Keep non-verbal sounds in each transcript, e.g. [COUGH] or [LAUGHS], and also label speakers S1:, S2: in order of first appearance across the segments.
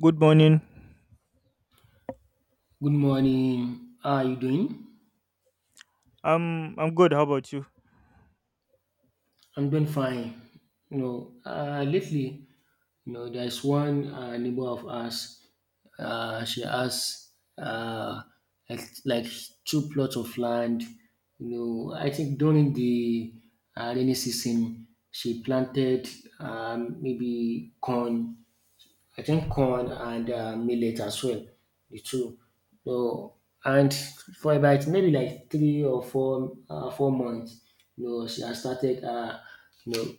S1: Good morning.
S2: Good morning. How are you doing?
S1: I'm good. How about you?
S2: I'm doing fine. Lately, there's one neighbor of ours. She has uh, like two plots of land. You know, I think during the rainy season, she planted maybe corn I think corn and millet as well, the two. So and for about maybe like three or four 4 months, you know, she has started you know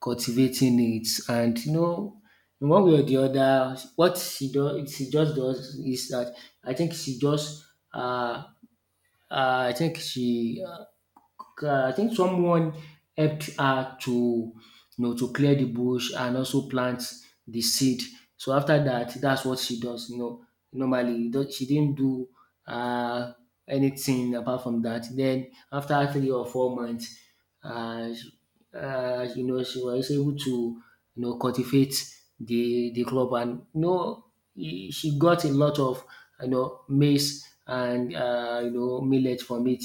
S2: cultivating it. And you know, in one way or the other, what she does, she just does is that I think she just uh, I think she I think someone helped her to to clear the bush and also plant the seed. So after that, that's what she does. You know, normally she didn't do uh, anything apart from that. Then after 3 or 4 months, uh, she- you know, she was able to cultivate the crop, and you know she got a lot of maize and millet from it.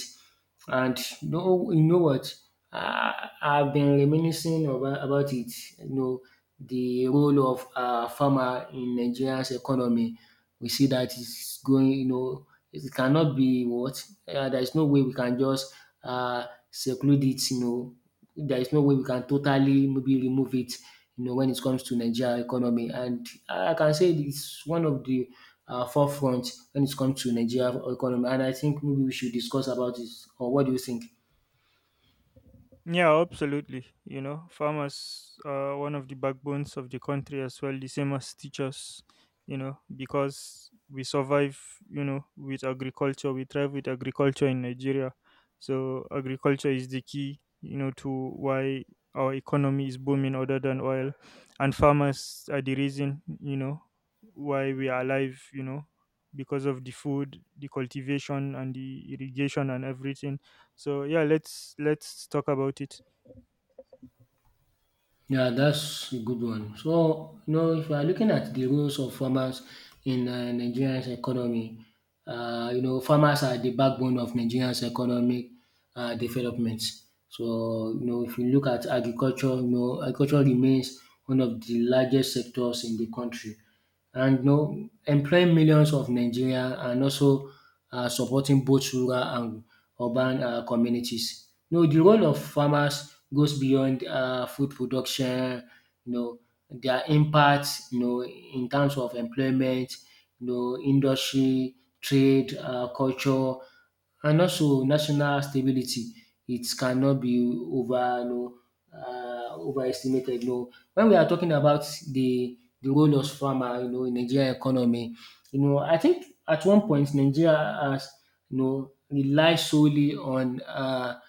S2: And you know what? I've been reminiscing about it. You know, the role of farmer in Nigeria's economy. We see that it's going. You know, it cannot be what. There is no way we can just uh, seclude it. You know, there is no way we can totally maybe remove it, you know, when it comes to Nigeria economy. And I can say it's one of the forefront when it comes to Nigeria economy. And I think maybe we should discuss about this. Or what do you think?
S1: Yeah, absolutely. You know, farmers are one of the backbones of the country as well, the same as teachers, you know, because we survive, you know, with agriculture, we thrive with agriculture in Nigeria. So agriculture is the key, you know, to why our economy is booming other than oil. And farmers are the reason, you know, why we are alive, you know, because of the food, the cultivation and the irrigation and everything, so yeah, let's talk about it.
S2: Yeah, that's a good one. So, you know, if you are looking at the roles of farmers in Nigeria's economy, you know, farmers are the backbone of Nigeria's economic development. So, you know, if you look at agriculture, you know, agriculture remains one of the largest sectors in the country, and you know, employing millions of Nigerians and also supporting both rural and urban communities. You know, the role of farmers goes beyond food production, you know, their impact, you know, in terms of employment, you know, industry, trade, culture, and also national stability. It cannot be overestimated. You know, when we are talking about the the role of farmer, you know, in Nigeria economy. You know, I think at one point Nigeria has, you know, relied solely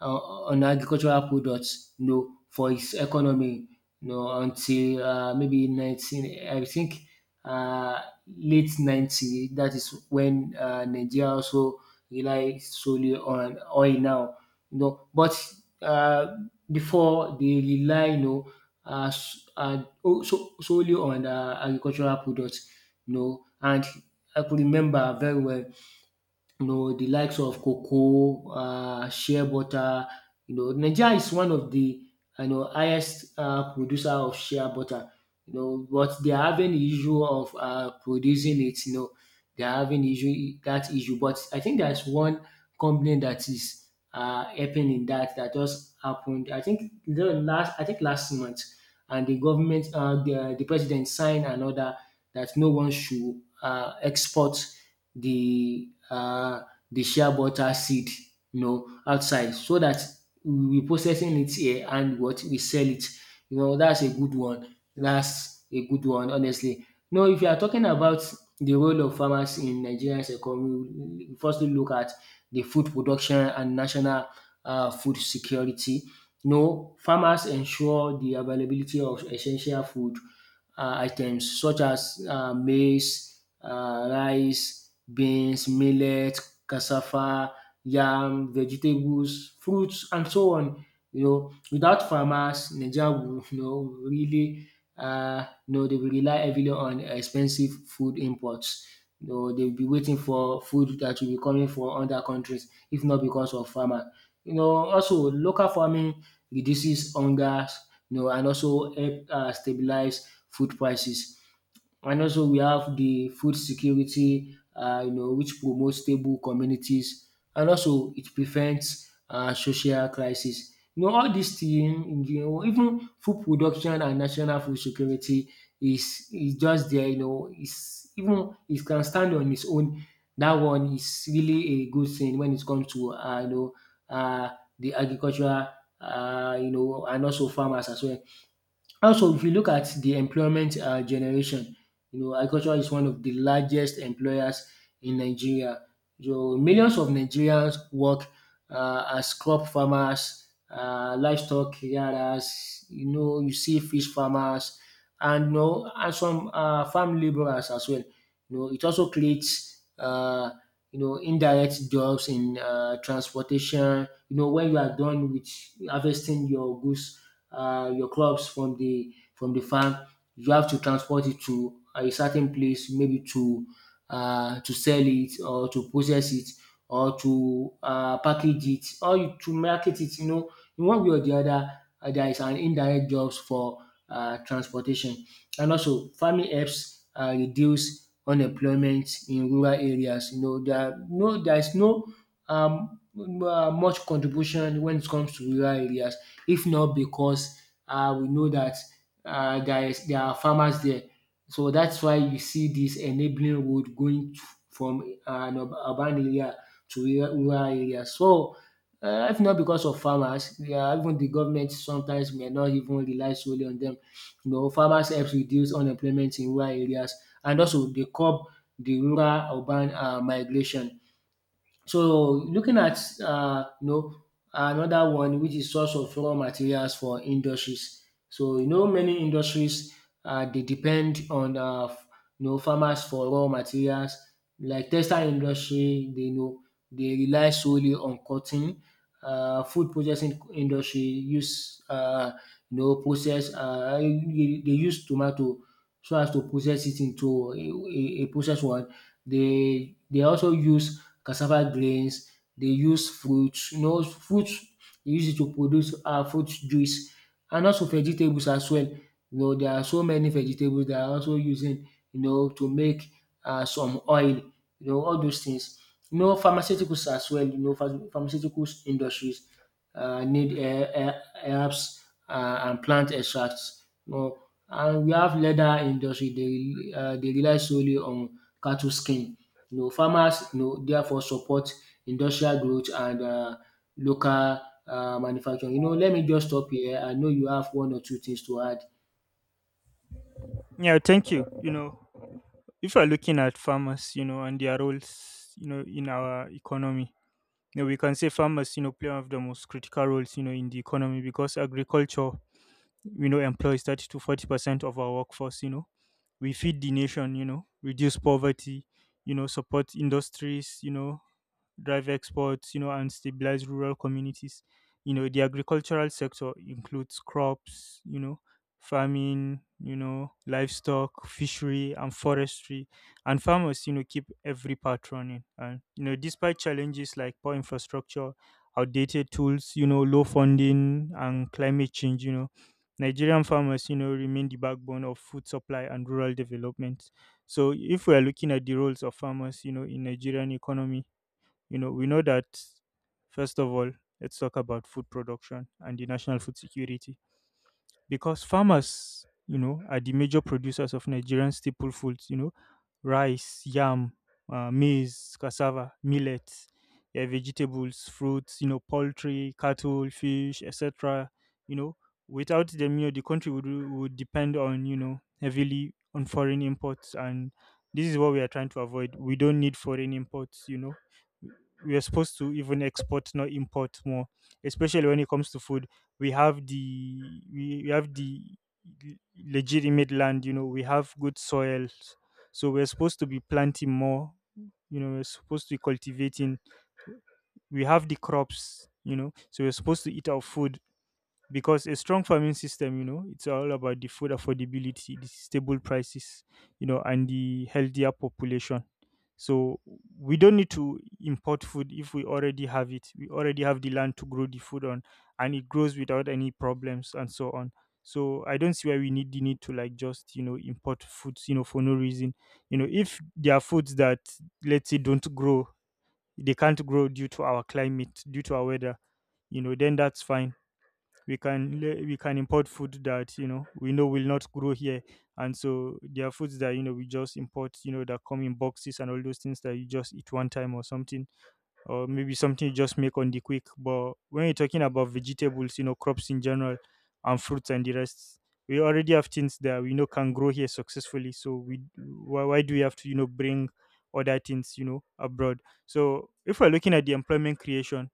S2: uh, on agricultural products, you know, for its economy, you know, until maybe nineteen, I think uh, late ninety. That is when Nigeria also relies solely on oil now, you know. But uh, before they rely, you know, solely on agricultural products, you know. And I could remember very well, you know, the likes of cocoa, shea butter. You know, Nigeria is one of the, you know, highest producer of shea butter. You know, but they are having the issue of producing it. You know, they are having issue. But I think there's one company that is helping in that, that just happened. I think last month, and the government, the president signed another that no one should export the um the shea butter seed, you know, outside, so that we processing it here and what we sell it. You know, that's a good one. That's a good one, honestly. Now if you are talking about the role of farmers in Nigeria's economy, we firstly look at the food production and national food security. No, farmers ensure the availability of essential food items such as maize, rice, beans, millet, cassava, yam, vegetables, fruits, and so on. You know, without farmers, Nigeria will [LAUGHS] you know really you know they will rely heavily on expensive food imports. You know, they will be waiting for food that will be coming from other countries, if not because of farmer. You know, also local farming reduces hunger, you know, and also help stabilize food prices. And also, we have the food security, you know, which promotes stable communities, and also it prevents social crisis. You know, all these things, you know, even food production and national food security is just there. You know, it's even it can stand on its own. That one is really a good thing when it comes to you know the agricultural you know, and also farmers as well. Also, if you look at the employment generation, you know, agriculture is one of the largest employers in Nigeria. So millions of Nigerians work as crop farmers, livestock carriers. You know, you see fish farmers, and you know, and some farm laborers as well. You know, it also creates indirect jobs in transportation. You know, when you are done with harvesting your goods your crops from the farm. You have to transport it to a certain place, maybe to sell it or to process it or to package it or to market it. You know, in one way or the other, there is an indirect jobs for transportation, and also farming helps reduce unemployment in rural areas. You know, there is no much contribution when it comes to rural areas if not because we know that there are farmers there. So that's why you see this enabling road going from urban area to rural area. So if not because of farmers, even the government sometimes may not even rely solely on them. You know farmers helps reduce unemployment in rural areas, and also they curb the rural urban migration. So looking at you know another one, which is source of raw materials for industries. So you know many industries they depend on you know farmers for raw materials, like textile industry they know they rely solely on cotton. Food processing industry use you know process they use tomato so as to process it into a processed one. They also use cassava grains. They use fruits, you know fruits dey use it to produce fruit juice, and also vegetables as well. You know there are so many vegetables they are also using, you know, to make some oil, you know, all those things. You know pharmaceuticals as well, you know pharmaceuticals industries need herbs and plant extracts, you know. And we have leather industry. They dey rely solely on cattle skin. You know, farmers you know therefore support industrial growth and local manufacturing. You know, let me just stop here. I know you have one or two things to add.
S1: Yeah, thank you. You know, if we're looking at farmers, you know, and their roles, you know, in our economy, you know, we can say farmers, you know, play one of the most critical roles, you know, in the economy because agriculture, we know, employs 30 to 40% of our workforce. You know, we feed the nation, you know, reduce poverty, you know, support industries, you know, drive exports, you know, and stabilize rural communities. You know, the agricultural sector includes crops, you know, farming, you know, livestock, fishery, and forestry. And farmers, you know, keep every part running. And, you know, despite challenges like poor infrastructure, outdated tools, you know, low funding, and climate change, you know, Nigerian farmers, you know, remain the backbone of food supply and rural development. So if we are looking at the roles of farmers, you know, in Nigerian economy, you know, we know that, first of all, let's talk about food production and the national food security, because farmers, you know, are the major producers of Nigerian staple foods, you know, rice, yam, maize, cassava, millet, yeah, vegetables, fruits, you know, poultry, cattle, fish, etc. You know, without them, you know, the country would depend on, you know, heavily on foreign imports, and this is what we are trying to avoid. We don't need foreign imports, you know. We are supposed to even export, not import more, especially when it comes to food. We have the, we have the l- legitimate land, you know, we have good soils, so we're supposed to be planting more, you know, we're supposed to be cultivating. We have the crops, you know, so we're supposed to eat our food, because a strong farming system, you know, it's all about the food affordability, the stable prices, you know, and the healthier population. So we don't need to import food if we already have it. We already have the land to grow the food on, and it grows without any problems and so on. So I don't see why we need the need to, like, just you know, import foods, you know, for no reason. You know, if there are foods that, let's say, don't grow, they can't grow due to our climate, due to our weather, you know, then that's fine. We can le- we can import food that, you know, we know will not grow here. And so there are foods that, you know, we just import, you know, that come in boxes and all those things that you just eat one time or something, or maybe something you just make on the quick. But when you're talking about vegetables, you know, crops in general, and fruits and the rest, we already have things that we know can grow here successfully. So we why, do we have to, you know, bring other things, you know, abroad? So if we're looking at the employment creation,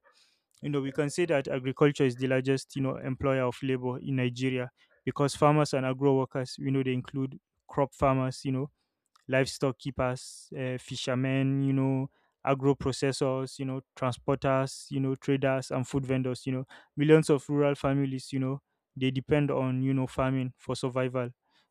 S1: you know, we can say that agriculture is the largest, you know, employer of labor in Nigeria, because farmers and agro workers, you know, they include crop farmers, you know, livestock keepers, fishermen, you know, agro processors, you know, transporters, you know, traders and food vendors, you know, millions of rural families, you know, they depend on, you know, farming for survival,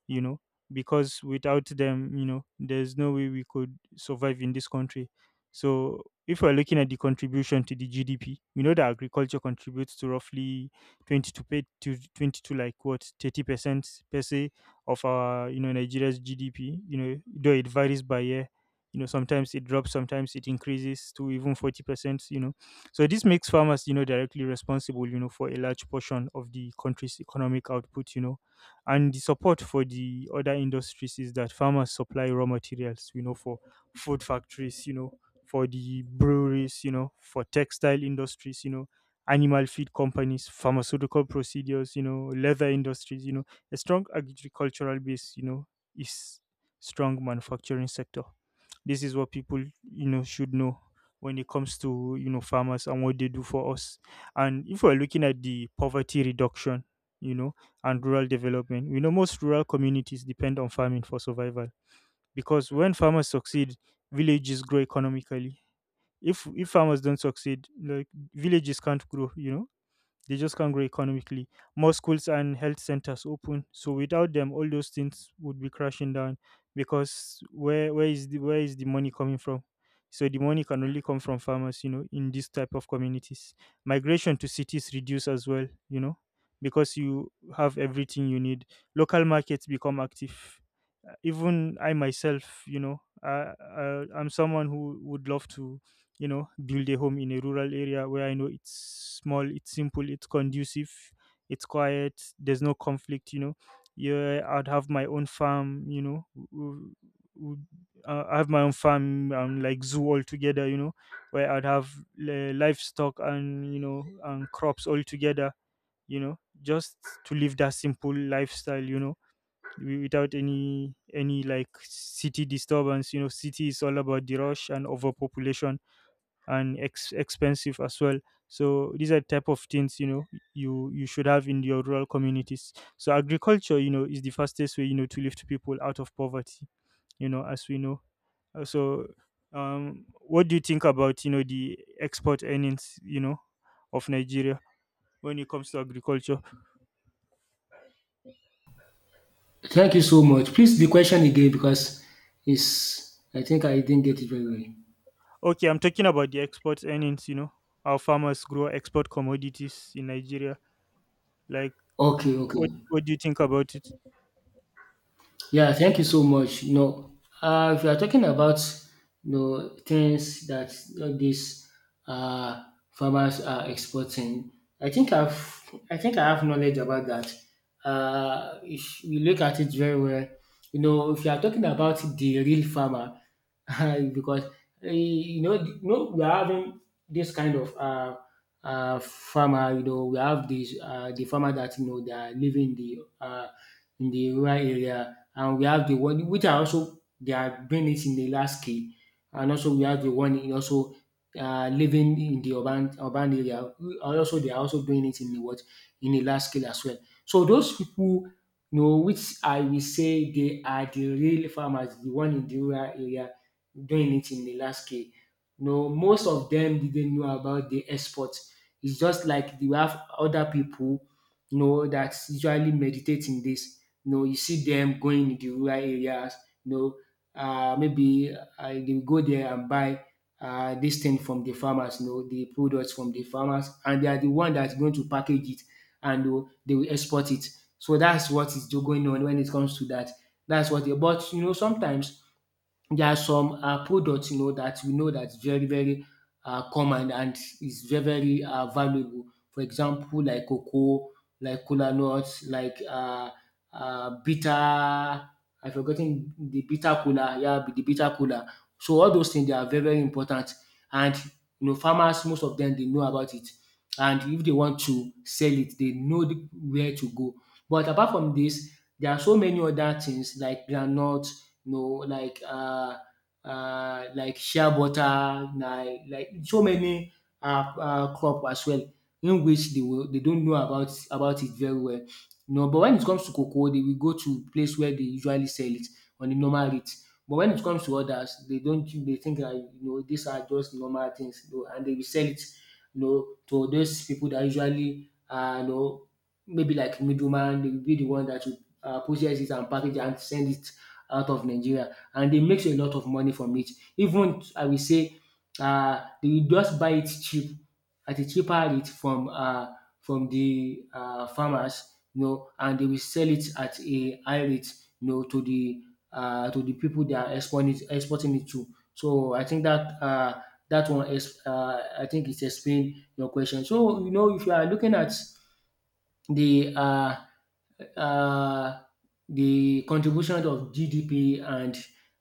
S1: you know, because without them, you know, there's no way we could survive in this country. So if we're looking at the contribution to the GDP, we know that agriculture contributes to roughly to 22, like what, 30% per se of our, you know, Nigeria's GDP. You know, though it varies by year. You know, sometimes it drops, sometimes it increases to even 40%. You know, so this makes farmers, you know, directly responsible, you know, for a large portion of the country's economic output. You know, and the support for the other industries is that farmers supply raw materials. You know, for food factories. You know, for the breweries. You know, for textile industries. You know, animal feed companies, pharmaceutical procedures. You know, leather industries. You know, a strong agricultural base, you know, is strong manufacturing sector. This is what people, you know, should know when it comes to, you know, farmers and what they do for us. And if we're looking at the poverty reduction, you know, and rural development, we know most rural communities depend on farming for survival, because when farmers succeed, villages grow economically. If farmers don't succeed, like, villages can't grow, you know, they just can't grow economically. More schools and health centers open. So without them, all those things would be crashing down, because where where is the money coming from? So the money can only come from farmers, you know, in this type of communities. Migration to cities reduce as well, you know, because you have everything you need. Local markets become active. Even I myself, you know, I'm someone who would love to, you know, build a home in a rural area where I know it's small, it's simple, it's conducive, it's quiet, there's no conflict, you know, yeah, I'd have my own farm, you know, w- w- I have my own farm and, like, zoo all together, you know, where I'd have livestock and, you know, and crops all together, you know, just to live that simple lifestyle, you know, wi- without any like city disturbance. You know, city is all about the rush and overpopulation, and ex- expensive as well. So these are type of things, you know, you should have in your rural communities. So agriculture, you know, is the fastest way, you know, to lift people out of poverty, you know, as we know. So um what do you think about, you know, the export earnings, you know, of Nigeria when it comes to agriculture?
S2: Thank you so much. Please the question again because it's I think I didn't get it very well.
S1: Okay, I'm talking about the export earnings, you know, our farmers grow export commodities in Nigeria, like,
S2: Okay, okay.
S1: what do you think about it?
S2: Yeah, thank you so much. You know, if you are talking about you know things that these uh, farmers are exporting, I think I've I think I have knowledge about that. If you look at it very well, you know, if you are talking about the real farmer, [LAUGHS] because you know, we are having this kind of farmer. You know, we have this the farmer that you know they are living in the rural area, and we have the one which are also they are doing it in the large scale, and also we have the one in also living in the urban area who are also they are also doing it in the what, in the large scale as well. So those people, you know, which I will say they are the real farmers, the one in the rural area doing it in the large scale. No, most of them didn't know about the export. It's just like we have other people you know that usually meditate in this, you know, you see them going in the rural areas. You know, maybe they go there and buy this thing from the farmers. You know, the products from the farmers, and they are the one that's going to package it, and they will export it. So that's what is going on when it comes to that. That's what. They, but you know, sometimes there are some product you know that we know that is very very common and is very very valuable. For example like cocoa, like cola nuts, like bitter I forgotten the bitter cola. Yeah, the bitter cola. So all those things they are very very important and you know farmers, most of them, they know about it, and if they want to sell it they know where to go. But apart from this, there are so many other things like groundnut, you know, like shea butter, like so many crop as well, in which they don't know about it very well. You know, but when it comes to cocoa, they will go to place where they usually sell it on the normal rate. But when it comes to others, they don't they think that, you know, these are just normal things, you know, and they will sell it, you know, to those people that usually, you know, maybe like middleman. They will be the one that will process it and package and send it out of Nigeria, and they makes a lot of money from it. Even I will say they just buy it cheap at a cheaper rate from the farmers, you know, and they will sell it at a high rate, you know, to the people they are exporting it to. So I think that that one is, I think, it explain your question. So you know, if you are looking at the uh, uh, the contribution of GDP and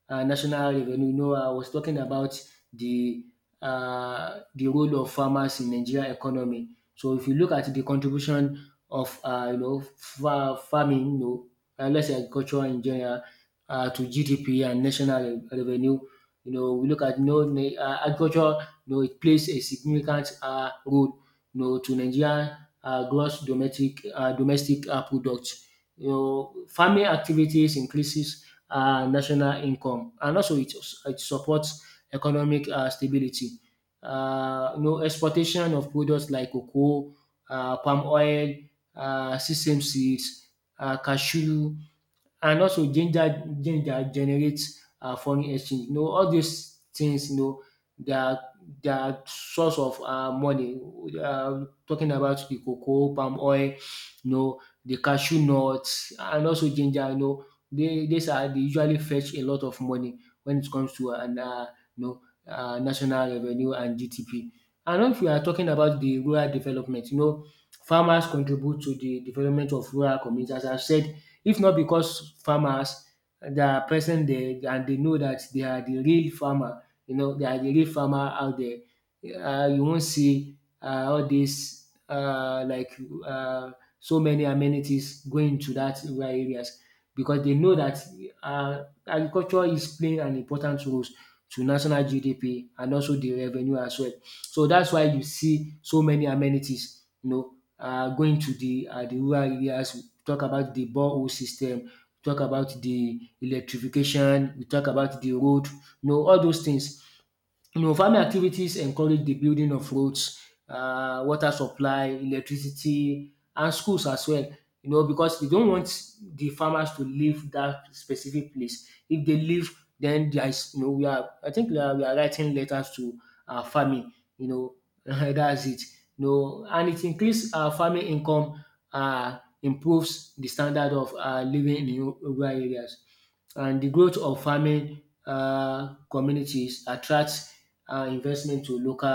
S2: national revenue. You know, I was talking about the the role of farmers in Nigeria economy. So if you look at the contribution of, you know, farming, you know, let's say agriculture in general, to GDP and national revenue. You know, we look at, you know, agriculture. You know, it plays a significant role, you know, to Nigeria gross domestic product. You know, farming activities increases national income, and also it supports economic stability. You know, exportation of products like cocoa, palm oil, sesame seeds, cashew, and also ginger generates foreign exchange. You know, all these things, you know, they are they are source of money. Talking about the cocoa, palm oil, you know, the cashew nuts, and also ginger. You know, they these are, they usually fetch a lot of money when it comes to an you know, national revenue and GDP. And if we are talking about the rural development, you know, farmers contribute to the development of rural communities. As I've said, if not because farmers, they are present there and they know that they are the real farmer, you know, they are the real farmer out there, you won't see all dis, um so many amenities going to that rural areas, because they know that agriculture is playing an important role to national GDP and also the revenue as well. So that's why you see so many amenities, you know, going to the the rural areas. Talk about the borehole system, we talk about the electrification, we talk about the road, you know, all those things. You know, farming activities encourage the building of roads, water supply, electricity and schools as well. You know, because they don't want the farmers to leave that specific place. If they leave, then there is, you know, we are I think we are writing letters to farming. You know, [LAUGHS] that's it. You know, and it increases farming income, improves the standard of living in rural areas, and the growth of farming communities attracts investment to local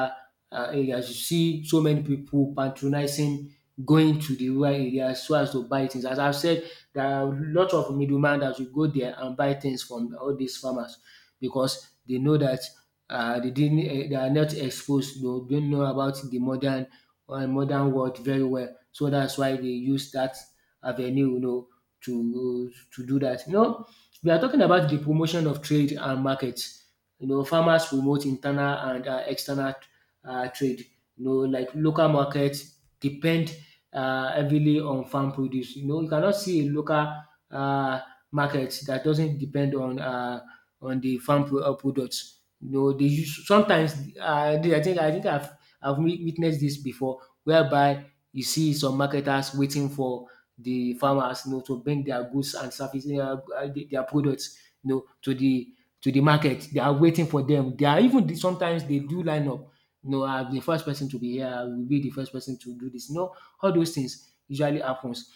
S2: areas. You see so many people patronizing, going to the rural areas so as to buy things. As I've said, there are a lot of middlemen that will go there and buy things from all these farmers because they know that, they didn't, eh, they are not exposed. They don't know about the modern modern world very well. So that's why they use that avenue, you know, to do that. You know, we are talking about the promotion of trade and market. You know, farmers promote internal and external trade. You know, like local markets depend heavily on farm produce. You know, you cannot see a local uh, market that doesn't depend on, the products. You know, they use sometimes, I think witnessed this before, whereby you see some marketers waiting for the farmers, you know, to bring their goods and services, their products, you know, to the market. They are waiting for them. They are, even sometimes, they do line up. You know, I'm the first person to be here. I will be the first person to do this. You know, all those things usually happens.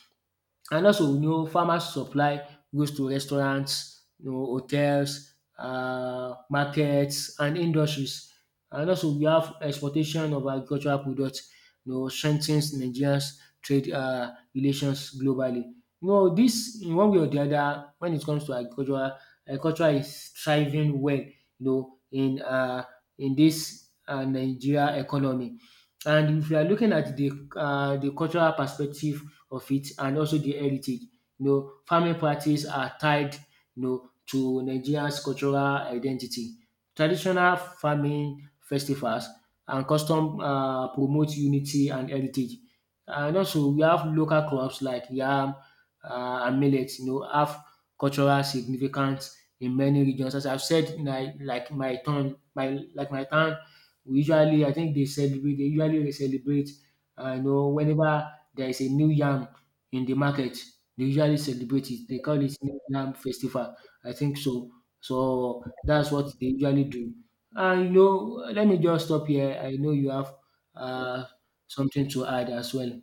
S2: And also we know farmers supply goods to restaurants, you know, hotels, markets and industries. And also we have exportation of agricultural products, you know, strengthens Nigerians trade relations globally. You know, dis, in one way or the other, when it comes to agriculture is thriving well, you know, in dis Nigeria economy. And if you are looking at the the cultural perspective of it and also the heritage. You know, farming practice are tied, you know, to Nigeria's cultural identity. Traditional farming festivals and custom promote unity and heritage. And also we have local crops like yam and millet, you know, have cultural significance in many regions. As I've said, like my town, we usually, I think they celebrate they usually celebrate, you know, whenever there is a new yam in the market. They usually celebrate it. They call it New Yam Festival. I think so. So that's what they usually do. And you know, let me just stop here. I know you have uh, something to add as well.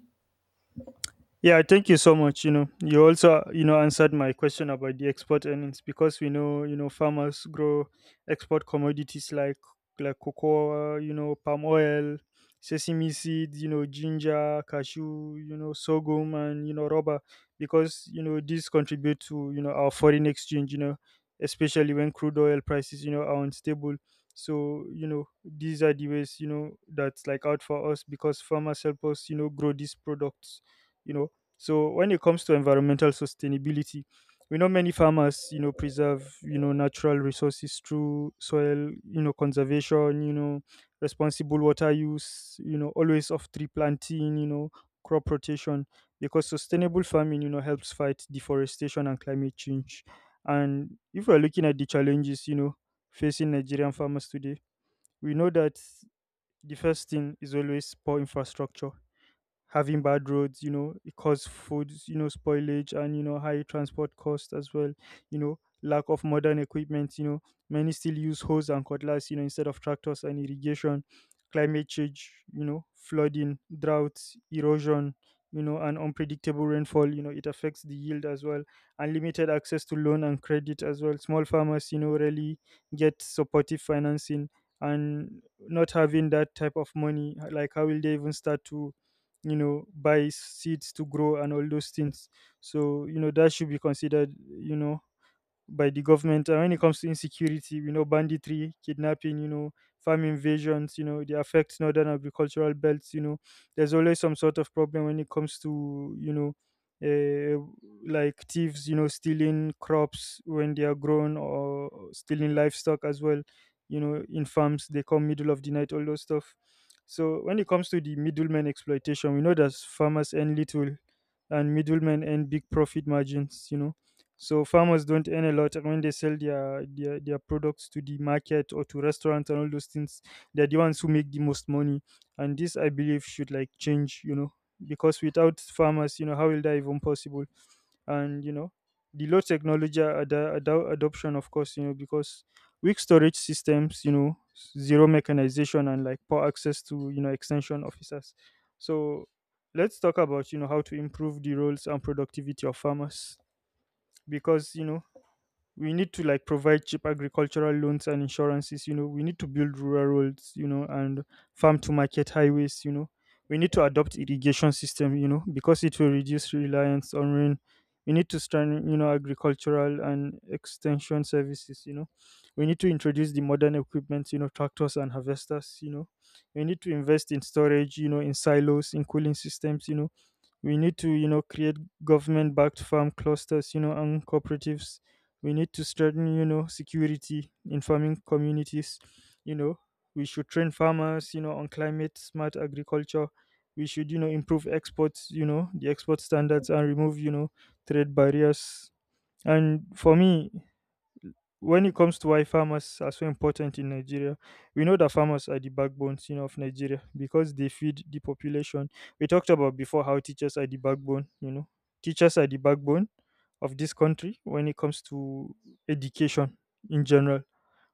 S1: Yeah, thank you so much. You know, you also, you know, answered my question about the export earnings, because we know, you know, farmers grow export commodities like cocoa, you know, palm oil, sesame seed, you know, ginger, cashew, you know, sorghum, and, you know, rubber, because you know these contribute to, you know, our foreign exchange. You know, especially when crude oil prices, you know, are unstable. So, you know, these are the ways, you know, that's like out for us, because farmers help us, you know, grow these products, you know. So when it comes to environmental sustainability, we know many farmers, you know, preserve, you know, natural resources through soil, you know, conservation, you know, responsible water use, you know, always of tree planting, you know, crop rotation. Because sustainable farming, you know, helps fight deforestation and climate change. And if we're looking at the challenges, you know, facing Nigerian farmers today, we know that the first thing is always poor infrastructure, having bad roads, you know, it causes food, you know, spoilage and, you know, high transport costs as well, you know, lack of modern equipment, you know, many still use hose and cutlass, you know, instead of tractors and irrigation, climate change, you know, flooding, droughts, erosion, you know, and unpredictable rainfall, you know, it affects the yield as well, and limited access to loan and credit as well. Small farmers, you know, rarely get supportive financing, and not having that type of money, like, how will they even start to, you know, buy seeds to grow and all those things? So, you know, that should be considered, you know, by the government. And when it comes to insecurity, we know banditry, kidnapping, you know, farm invasions, you know, they affect northern agricultural belts, you know. There's always some sort of problem when it comes to, you know, uh, like, thieves, you know, stealing crops when they are grown, or stealing livestock as well, you know, in farms, they come middle of the night, all those stuff. So when it comes to the middleman exploitation, we know that farmers earn little and middlemen earn big profit margins, you know, so farmers don't earn a lot, and when they sell their, their products to the market or to restaurants and all those things. They're the ones who make the most money, and this I believe should like change, because without farmers, how will that even possible? And you know, the low technology adoption, of course, because weak storage systems, zero mechanization and like poor access to extension officers. So let's talk about how to improve the roles and productivity of farmers, because we need to like provide cheap agricultural loans and insurances. We need to build rural roads and farm to market highways. We need to adopt irrigation system because it will reduce reliance on rain. We need to strengthen agricultural and extension services. We need to introduce the modern equipment, tractors and harvesters. We need to invest in storage, in silos, in cooling systems. We need to create government backed farm clusters and cooperatives. We need to strengthen security in farming communities you know we should train farmers on climate smart agriculture. We should improve exports, the export standards, and remove trade barriers. And for me, when it comes to why farmers are so important in Nigeria, we know that farmers are the backbone of Nigeria because they feed the population. We talked about before how teachers are the backbone, teachers are the backbone of this country when it comes to education in general.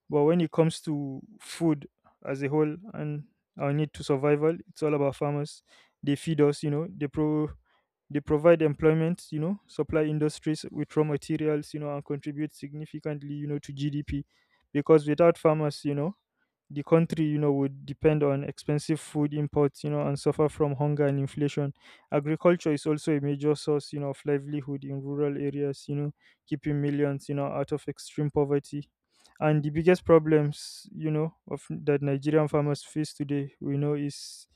S1: But when it comes to food as a whole and our need to survival, it's all about farmers. They feed us, they provide employment, supply industries with raw materials, and contribute significantly, to GDP. Because without farmers, the country would depend on expensive food imports and suffer from hunger and inflation. Agriculture is also a major source of livelihood in rural areas, keeping millions out of extreme poverty. And the biggest problems of that nigerian farmers face today we know is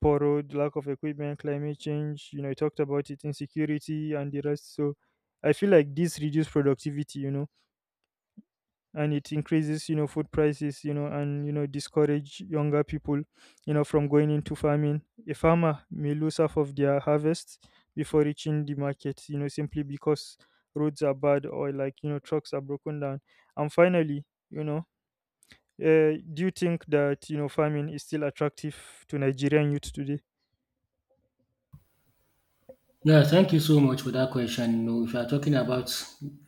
S1: poor road, lack of equipment, climate change, I talked about it, insecurity and the rest. So I feel like this reduced productivity and it increases food prices and discourage younger people from going into farming. A farmer may lose half of their harvest before reaching the market simply because roads are bad or like trucks are broken down. And finally, do you think that farming is still attractive to Nigerian youth today?
S2: Yeah, thank you so much for that question. You know, if you are talking about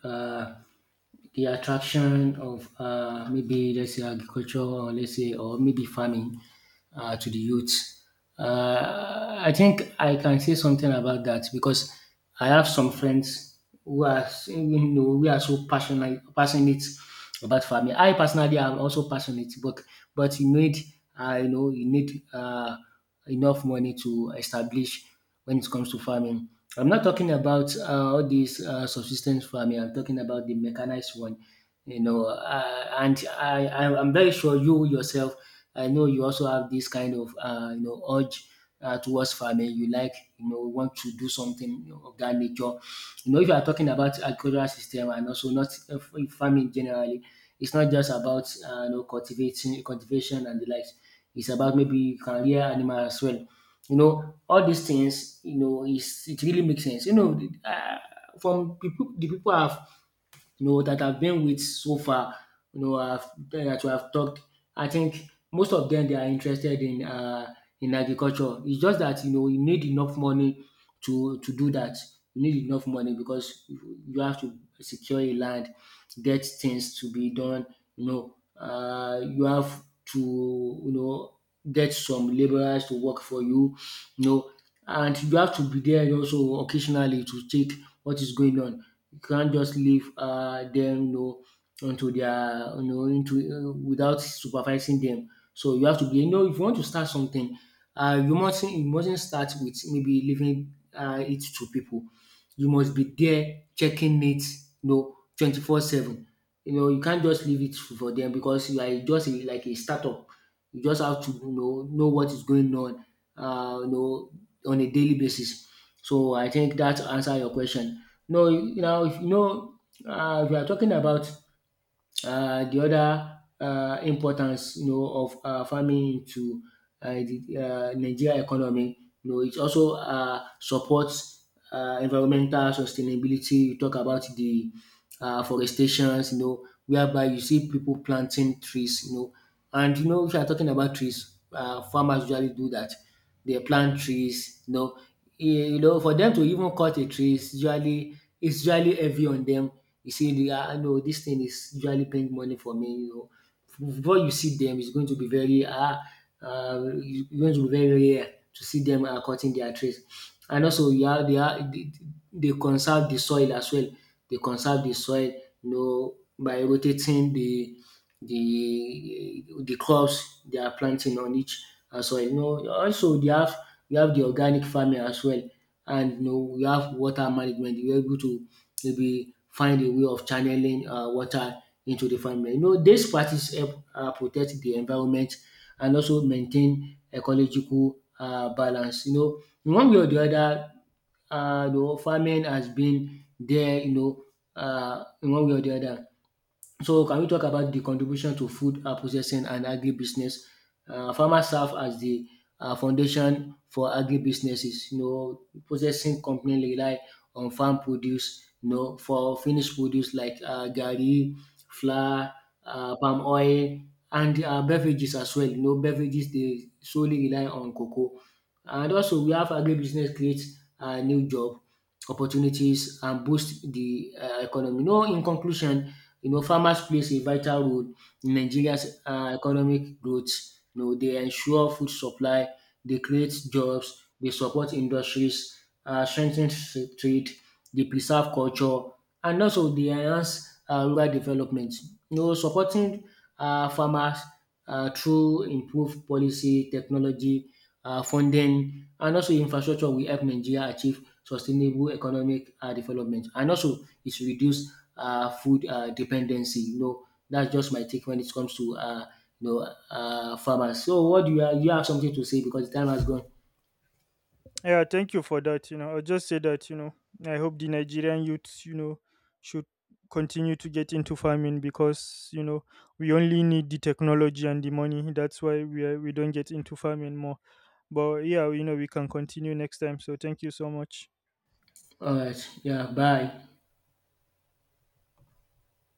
S2: uh, the attraction of, maybe let's say agriculture, or let's say, or maybe farming, to the youth. I think I can say something about that because I have some friends who are, you know, we are so passionate about farming. I personally am also passionate, but you need, you know, you need enough money to establish when it comes to farming. I'm not talking about, all these subsistence farming. I'm talking about the mechanized one, you know. And I'm very sure you yourself, I know you also have this kind of, you know, urge towards farming. You like, you know, want to do something, you know, of that nature. You know, if you are talking about agricultural system and also not, farming generally, it's not just about, you know, cultivating cultivation and the likes. It's about maybe career animal as well. You know, all these things, you know, is it really makes sense. You know, from people, the people have, you know, that I've been with so far, you know, that we have talked, I think most of them they are interested in, in agriculture. It's just that, you know, you need enough money to do that. You need enough money because you have to secure a land, get things to be done. You know, you have to, you know, get some laborers to work for you. You know, and you have to be there also occasionally to check what is going on. You can't just leave, them, you know, onto their, you know, into, without supervising them. So you have to be, you know, if you want to start something, you mustn't start with maybe leaving, it to people. You must be there checking it, you know, 24/7. You know, you can't just leave it for them because you are just a, like a startup. You just have to, you know what is going on, you know, on a daily basis. So I think that answer your question. No, now if you know, we are talking about the other importance, you know, of farming to the Nigeria economy, you know, it also supports environmental sustainability. You talk about the, forestations, you know, whereby you see people planting trees, you know, and you know, if you are talking about trees, farmers usually do that. They plant trees, you know. Eh, you know, for them to even cut a tree is usually heavy on them. You see the, ah, no, this thing is usually paying money for me, you know, before you see them, it's going to be very, ah, it's going to be very rare to see them, cutting their trees. And also you have, they conserve the soil as well. They conserve the soil, you know, by rotating the crops they are planting on each soil. You know, also they have you have the organic farming as well. And you know, we have water management. We are able to maybe find a way of channeling water into the farmland. You know, dis practice help protect the environment and also maintain ecological balance. You know, in one way or the other, you know, farming has been there, you know, in one way or the other. So can we talk about the contribution to food processing and agribusiness? Farmers serve as the foundation for agribusinesses. You know, processing company rely on farm produce, you know, for finished produce like, garri, flour, palm oil, and beverages as well. You know, beverages dey solely rely on cocoa. And also we have agribusiness create new job opportunities and boost the economy. You know, in conclusion, you know, farmers plays a vital role in Nigeria's economic growth. You know, they ensure food supply, they create jobs, they support industries, strengthen trade, they preserve culture, and also they enhance rural development. You know, supporting farmers through improved policy, technology, funding, and also infrastructure will help Nigeria achieve sustainable economic development. And also, it's reduce food dependency. You know, that's just my take when it comes to, you know, farmers. So, what do you have? You have something to say because the time has gone.
S1: Yeah, thank you for that. I'll just say that, I hope the Nigerian youths, should continue to get into farming, because, we only need the technology and the money. That's why we don't get into farming more. But yeah, we can continue next time. So thank you so much.
S2: All right. Yeah. Bye.